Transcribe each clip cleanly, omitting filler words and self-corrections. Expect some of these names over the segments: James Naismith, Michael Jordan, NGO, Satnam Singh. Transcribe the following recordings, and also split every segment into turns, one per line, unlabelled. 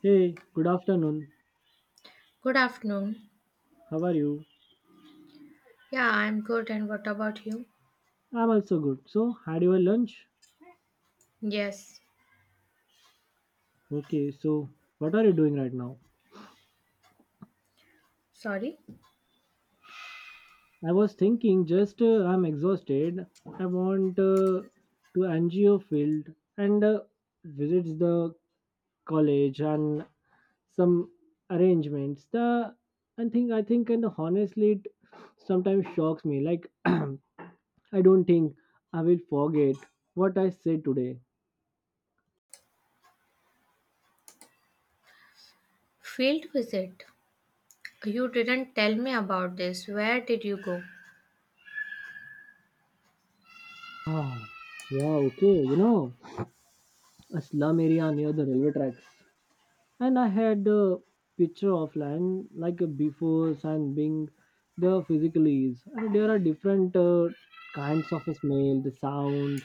Hey, good afternoon.
Good afternoon.
How are you?
Yeah, I'm good. And what about you?
I'm also good. So, had your lunch?
Yes.
Okay, so what are you doing right now?
Sorry.
I was thinking just I'm exhausted. I want to NGO field and visits the college and some arrangements. The I think and honestly it sometimes shocks me. Like I don't think I will forget what I said today.
Field visit. You didn't tell me about this. Where did you go?
Ah, yeah, okay, you know, a slum area near the railway tracks. And I had a picture of land like a before, and being there physically is. And there are different kinds of smell, the sound,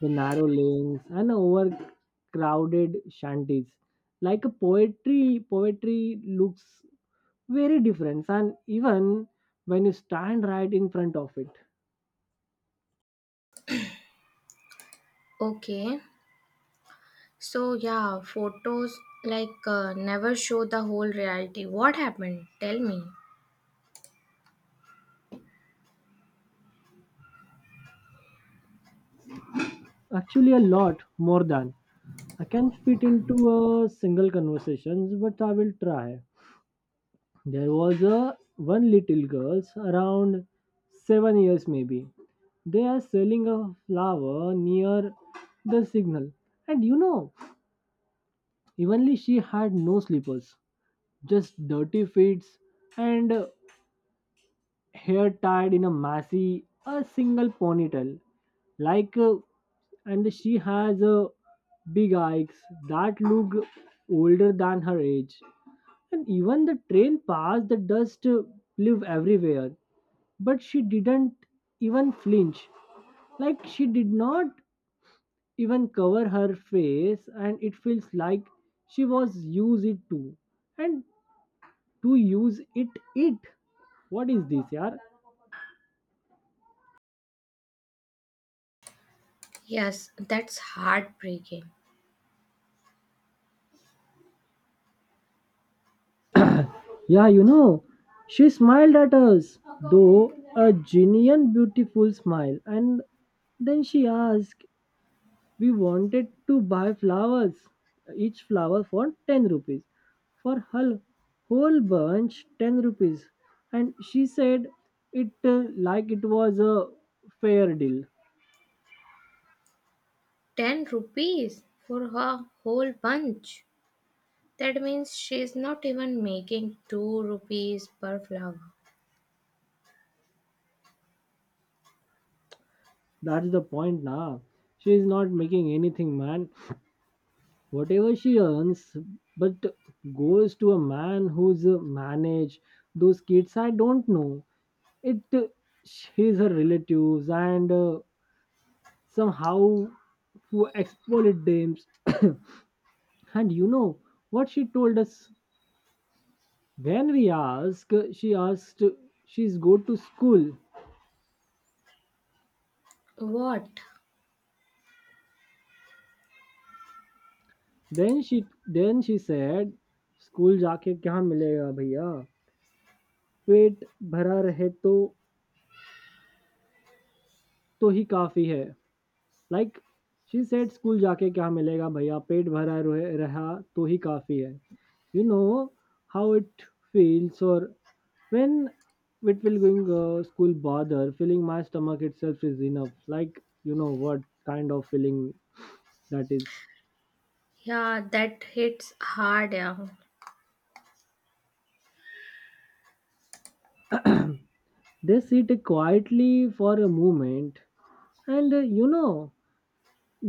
the narrow lanes, and overcrowded shanties. Like a poetry, poetry looks very different, and even when you stand right in front of it,
Okay. So, yeah, photos like never show the whole reality. What happened? Tell me.
actually a lot more than I can fit into a single conversations, but I will try. There was a one little girl around 7 years maybe. They are selling a flower near the signal. And you know, evenly she had no slippers, just dirty feet and hair tied in a messy, a single ponytail. Like, uh, and she has a big eyes that look older than her age. And even the train passed, the dust flew everywhere. But she didn't even flinch. Like she did not even cover her face, and it feels like she was use it too. And to use it, it. What is this, yaar?
Yes, that's heartbreaking.
Yeah, you know, she smiled at us, though a genuine, beautiful smile. And then she asked, we wanted to buy flowers, each flower for 10 rupees, for her whole bunch 10 rupees, and she said it like it was a fair deal.
10 rupees for her whole bunch. That means she's not even making 2 rupees per flower.
That's the point. Now she is not making anything, man. Whatever she earns, but goes to a man who's manage those kids. I don't know, it he's her relatives and somehow who exploited them. And you know what she told us when we asked, she asked she's go to school.
What?
Then she said, school जाके क्या मिलेगा भैया, पेट भरा रहे तो तो ही काफी है. लाइक, शी सेड स्कूल जाके क्या मिलेगा भैया, पेट भरा रोए रहा तो ही काफ़ी है. You know how it feels? Or when it will going school, bother filling my stomach itself is enough. Like, you know what kind of feeling that is.
Yeah, that hits hard. Yeah.
They sit quietly for a moment, and you know,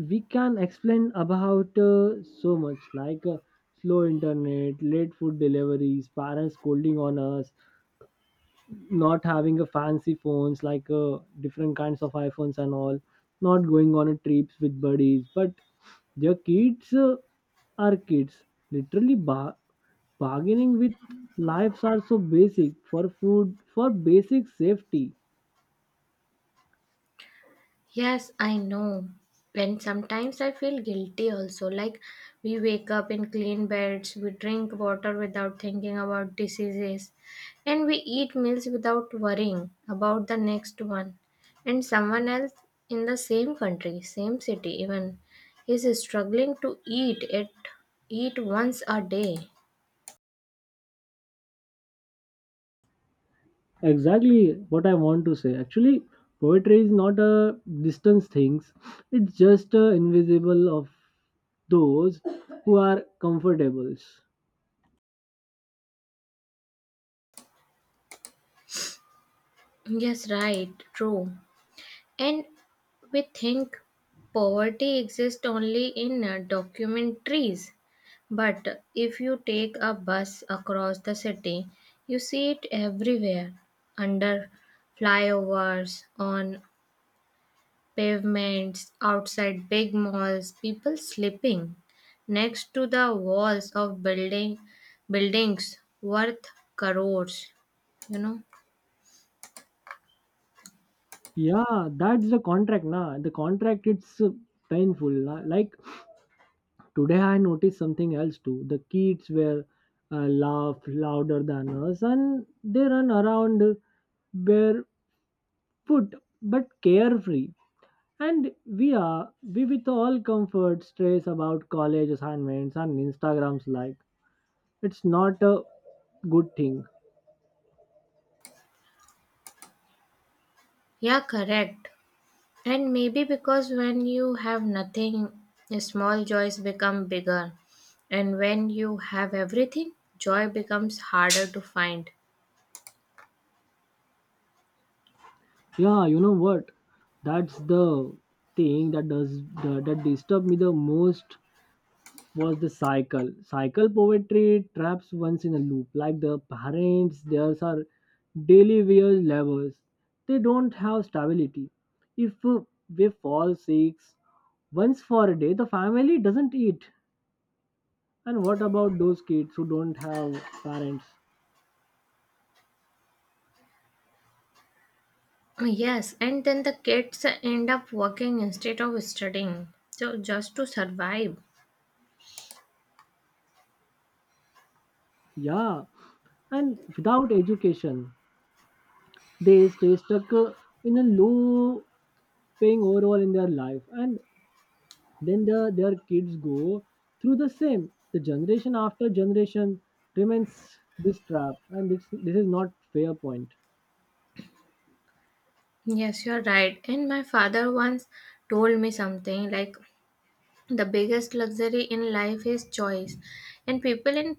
we can explain about so much, like slow internet, late food deliveries, parents scolding on us, not having a fancy phones like different kinds of iPhones and all, not going on a trips with buddies, but their kids are kids. Literally, bargaining with lives are so basic, for food, for basic safety.
Yes, I know. And sometimes I feel guilty also. Like we wake up in clean beds, we drink water without thinking about diseases, and we eat meals without worrying about the next one. And someone else in the same country, same city even, is struggling to eat once a day.
Exactly what I want to say. Actually, poetry is not a distance things. It's just invisible of those who are comfortables.
Yes, right, true. And we think poverty exists only in documentaries. But if you take a bus across the city, you see it everywhere under flyovers, on pavements, outside big malls, people sleeping next to the walls of buildings worth crores you know
Yeah, that's the contract, na. The contract, it's painful, na. Like today, I noticed something else too. The kids were laugh louder than us, and they run around barefoot but carefree. And we are we with all comfort, stress about college assignments and Instagrams. Like it's not a good thing.
yeah, correct. And maybe because when you have nothing, small joys become bigger. And when you have everything, joy becomes harder to find.
Yeah, you know what? That's the thing that does that, that disturb me the most, was the cycle. Cycle poetry traps once in a loop, like the parents, theirs are daily wear levels. They don't have stability. If we fall sick once for a day, the family doesn't eat. And what about those kids who don't have parents?
Yes, and then the kids end up working instead of studying, so just to survive.
Yeah, and without education, they stay stuck in a low paying overall in their life. And then their kids go through the same, the generation after generation remains this trap, and this is not fair point.
Yes, you're right. And my father once told me something like, the biggest luxury in life is choice, and people in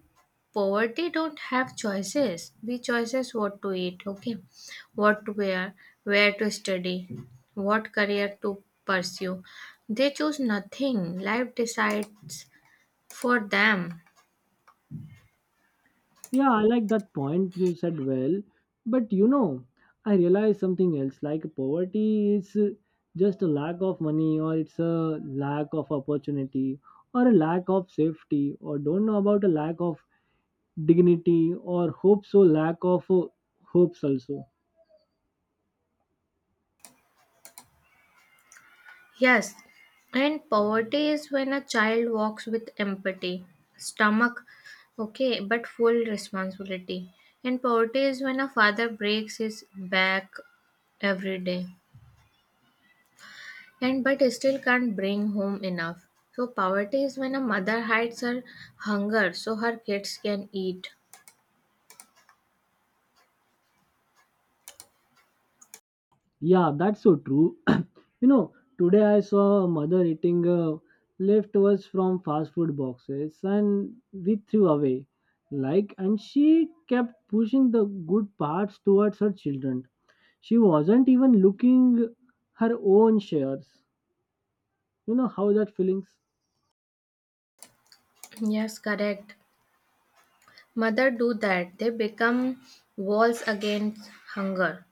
poverty don't have choices. We choices what to eat, okay, what to wear, where to study, what career to pursue. They choose nothing. Life decides for them.
Yeah, I like that point, you said well, but you know, I realized something else, like poverty is just a lack of money, or it's a lack of opportunity or a lack of safety, or don't know about a lack of dignity or hope, so lack of hopes also.
Yes, and poverty is when a child walks with empathy, stomach, okay, but full responsibility. And poverty is when a father breaks his back every day and but still can't bring home enough. So poverty is when a mother hides her hunger so her kids can eat.
Yeah, that's so true. You know, today I saw a mother eating leftovers from fast food boxes and we threw away. Like, and she kept pushing the good parts towards her children. She wasn't even looking her own shares. You know how that feelings?
Yes, correct. Mother do that. They become walls against hunger.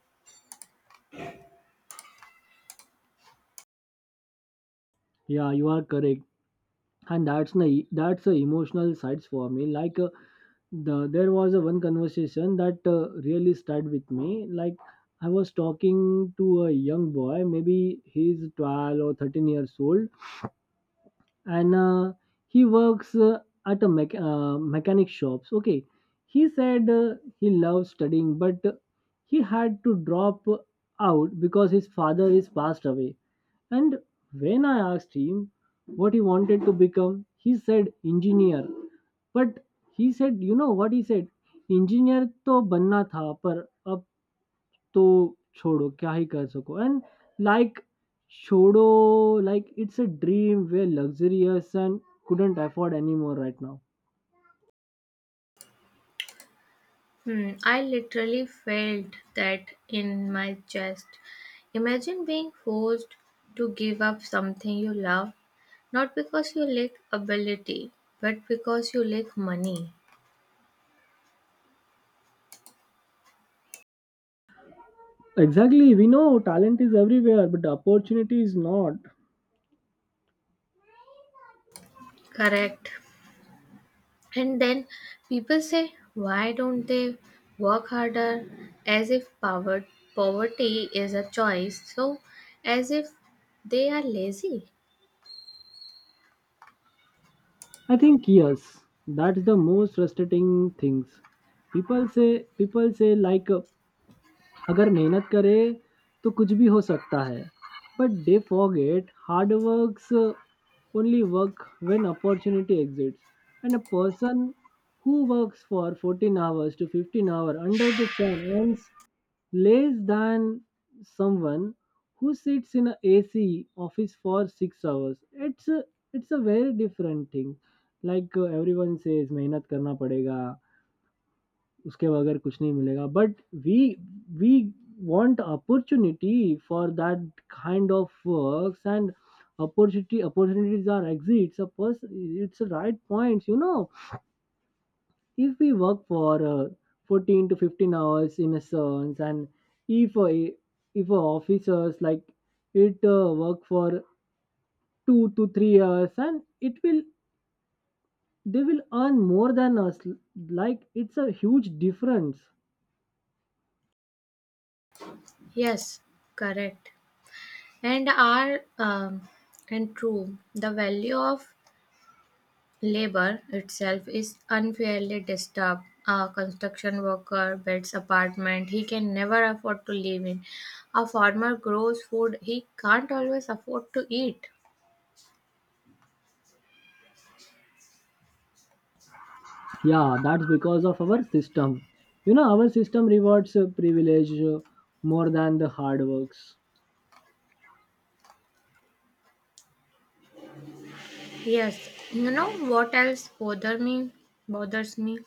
Yeah, you are correct. And that's the e, that's the emotional sides for me, like there was a one conversation that really stuck with me. Like I was talking to a young boy, maybe he's 12 or 13 years old, and he works at a mechanic shops, okay. He said he loves studying, but he had to drop out because his father is passed away. And when I asked him what he wanted to become, he said engineer. But he said, you know what he said? Engineer तो बनना था, पर अब तो छोड़ो क्या ही कर सको एंड. लाइक छोड़ो, like it's a dream way luxurious and couldn't afford anymore right now.
I literally felt that in my chest. Imagine being forced to give up something you love, not because you lack ability, but because you lack money.
Exactly, we know talent is everywhere, but the opportunity is not.
Correct. And then people say, why don't they work harder? As if poverty is a choice, so as if they are lazy.
I think yes, that's the most frustrating things. People say people say like अगर मेहनत करें तो कुछ भी हो सकता है but they forget hard works only work when opportunity exists, and a person who works for 14 hours to 15 hours under the sun earns less than someone who sits in a ac office for 6 hours. It's a, it's a very different thing. Like everyone says मेहनत करना पड़ेगा उसके बगैर कुछ नहीं मिलेगा but we we want opportunity for that kind of works, and opportunity opportunities are exits. Suppose it's a right points, you know, if we work for 14 to 15 hours in a sense, and if a if a officers like it work for 2 to 3 hours, and it will they will earn more than us. Like it's a huge difference.
Yes, correct. And are um, and true, the value of labor itself is unfairly disturbed. A construction worker builds apartment he can never afford to live in. A farmer grows food he can't always afford to eat.
Yeah, that's because of our system. You know, our system rewards privilege more than the hard works.
Yes, you know what else bothers me,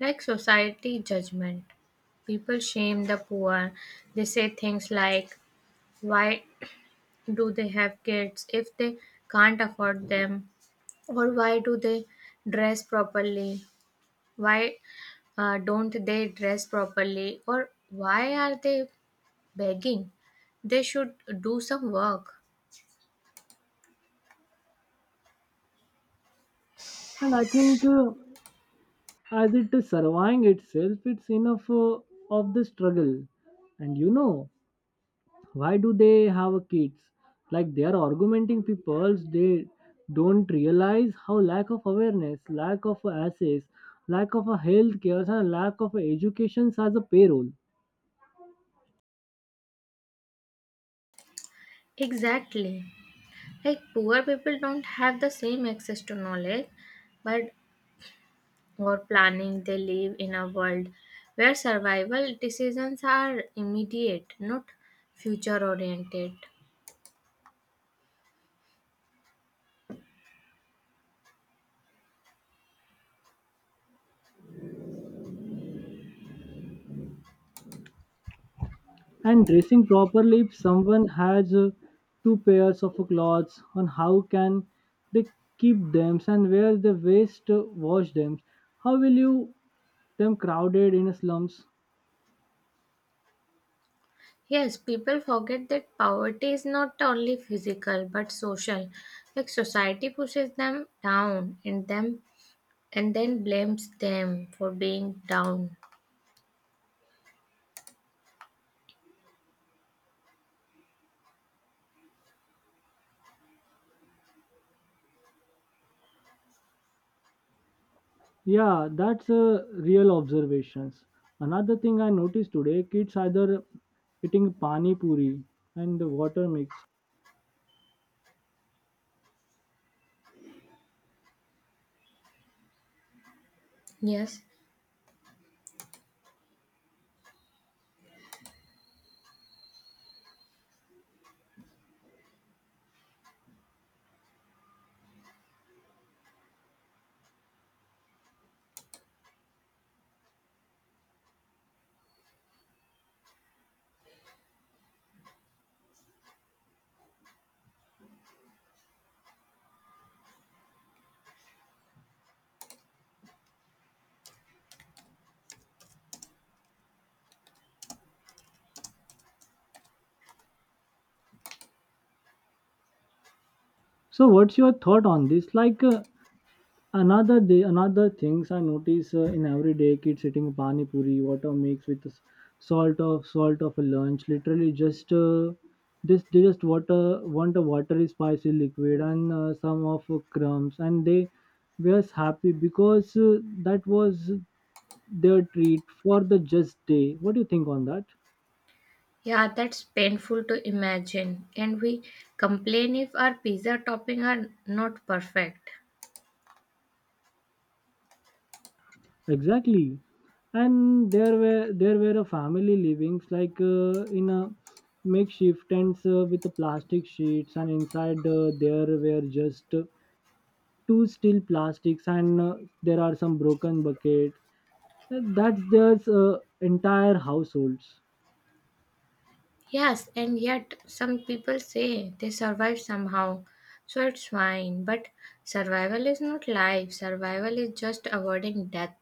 like society judgment. People shame the poor. They say things like, "Why do they have kids if they can't afford them?" or "Why do they dress properly?" Why don't they dress properly, or why are they begging? They should do some work.
And I think as it is surviving itself, it's enough of the struggle. And you know, why do they have kids? Like they are argumenting people, they don't realize how lack of awareness, lack of access, lack of a health care, and lack of education as a payroll.
Exactly. Like poor people don't have the same access to knowledge, but or planning, they live in a world where survival decisions are immediate, not future oriented.
And dressing properly, if someone has two pairs of clothes on, how can they keep them, and where they waste wash them? How will you them crowded in slums?
Yes, people forget that poverty is not only physical but social. Like society pushes them down, and then blames them for being down.
Yeah, that's a real observations. Another thing I noticed today, kids either eating pani puri and the water mix.
Yes,
So, what's your thought on this? Another day, another things I notice in everyday kids eating pani puri, water mix with salt of a lunch. Literally, just this they just water want a watery spicy liquid and some of crumbs, and they were happy because that was their treat for the just day. What do you think on that?
yeah, that's painful to imagine. And we complain if our pizza topping are not perfect.
Exactly. And there were a family living like in a makeshift tents with the plastic sheets, and inside there were just two steel plastics and there are some broken buckets. That's their entire households.
Yes, and yet some people say they survive somehow, so it's fine. But survival is not life, survival is just avoiding death.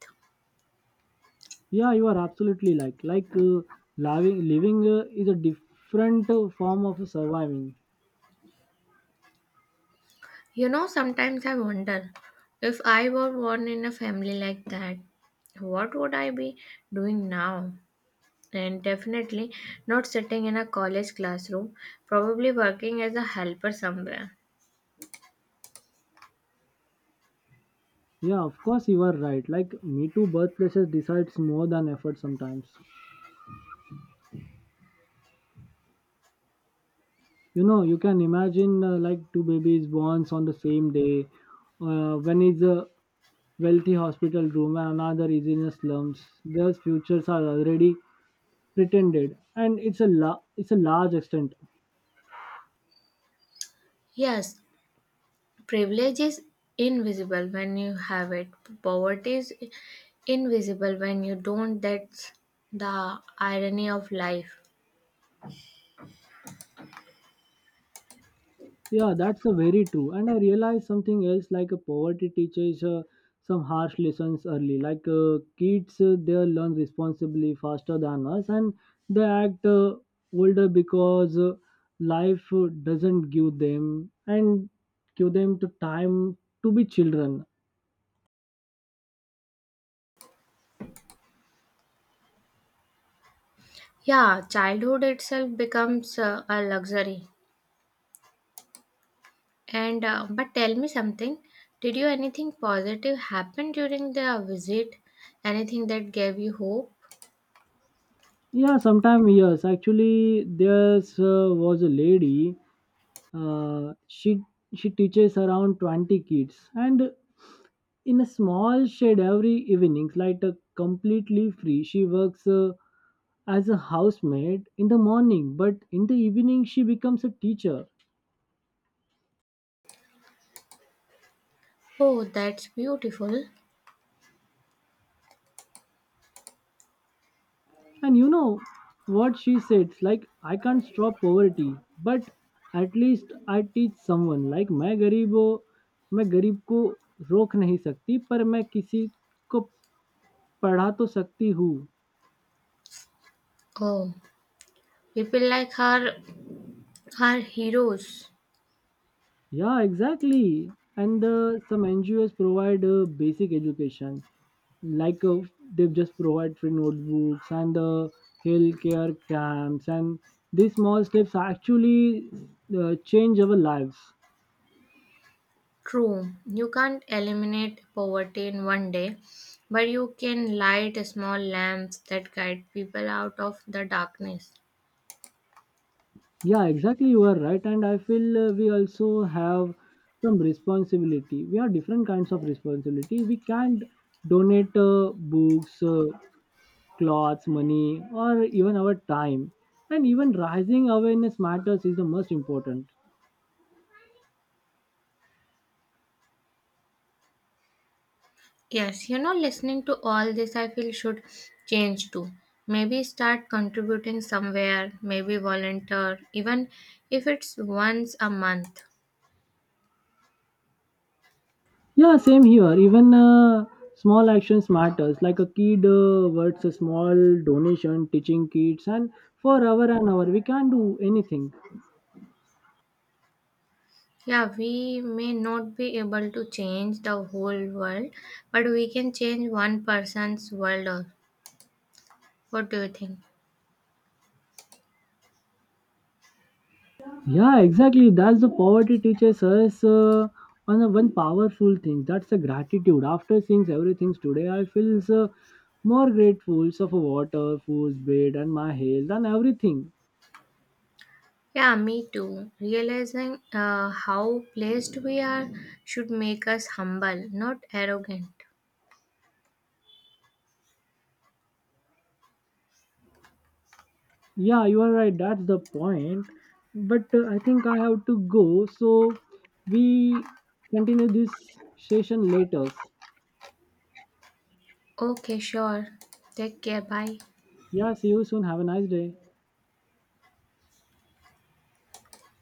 Yeah, you are absolutely, like living is a different form of surviving.
You know, sometimes I wonder, if I were born in a family like that, what would I be doing now? And definitely not sitting in a college classroom, probably working as a helper somewhere.
Yeah, of course you are right, like me too. Birthplaces decides more than effort sometimes. You know, you can imagine like two babies born on the same day, one is a wealthy hospital room and another is in a slums, their futures are already pretended, and it's a it's a large extent.
Yes, privilege is invisible when you have it, poverty is invisible when you don't. That's the irony of life.
Yeah, that's a very true. And I realized something else, like a poverty teaches some harsh lessons early. Like kids, they learn responsibly faster than us, and they act older because life doesn't give them and give them the time to be children.
Yeah, childhood itself becomes a luxury. And but tell me something, did you anything positive happen during the visit? Anything that gave you hope?
Yeah, sometime yes. Actually, there was a lady. Uh, she she teaches around 20 kids, and in a small shed every evening, like completely free. She works as a housemaid in the morning, but in the evening she becomes a teacher.
Oh, that's beautiful.
And you know what she said? Like I can't stop poverty, but at least I teach someone. Like मैं गरीबो, मैं गरीब को रोक नहीं सकती पर मैं किसी को पढ़ा तो सकती हूँ.
Oh, people like her are heroes.
Yeah, exactly. And some NGOs provide basic education, like they just provide free notebooks and the healthcare camps, and these small steps actually change our lives.
True, you can't eliminate poverty in one day, but you can light small lamps that guide people out of the darkness.
Yeah, exactly. You are right, and I feel we also have some responsibility. We are different kinds of responsibility. We can't donate books, clothes, money, or even our time. And even rising awareness matters is the most important.
Yes, you know, listening to all this, I feel should change too. Maybe start contributing somewhere, maybe volunteer, even if it's once a month.
Yeah, same here. Even small actions matters. Like a kid works a small donation, teaching kids, and for hour and hour we can't do anything.
Yeah, we may not be able to change the whole world, but we can change one person's world. What do you think?
Yeah, exactly. That's the poverty teaches us on a one powerful thing. That's the gratitude. After seeing everything today, I feel so more grateful so for water, food, bread, and my health and everything.
Yeah, me too. Realizing how blessed we are should make us humble, not arrogant.
Yeah, you are right. That's the point. But I think I have to go. So we continue this session later.
Okay, sure. Take care. Bye.
Yeah, see you soon. Have a nice day.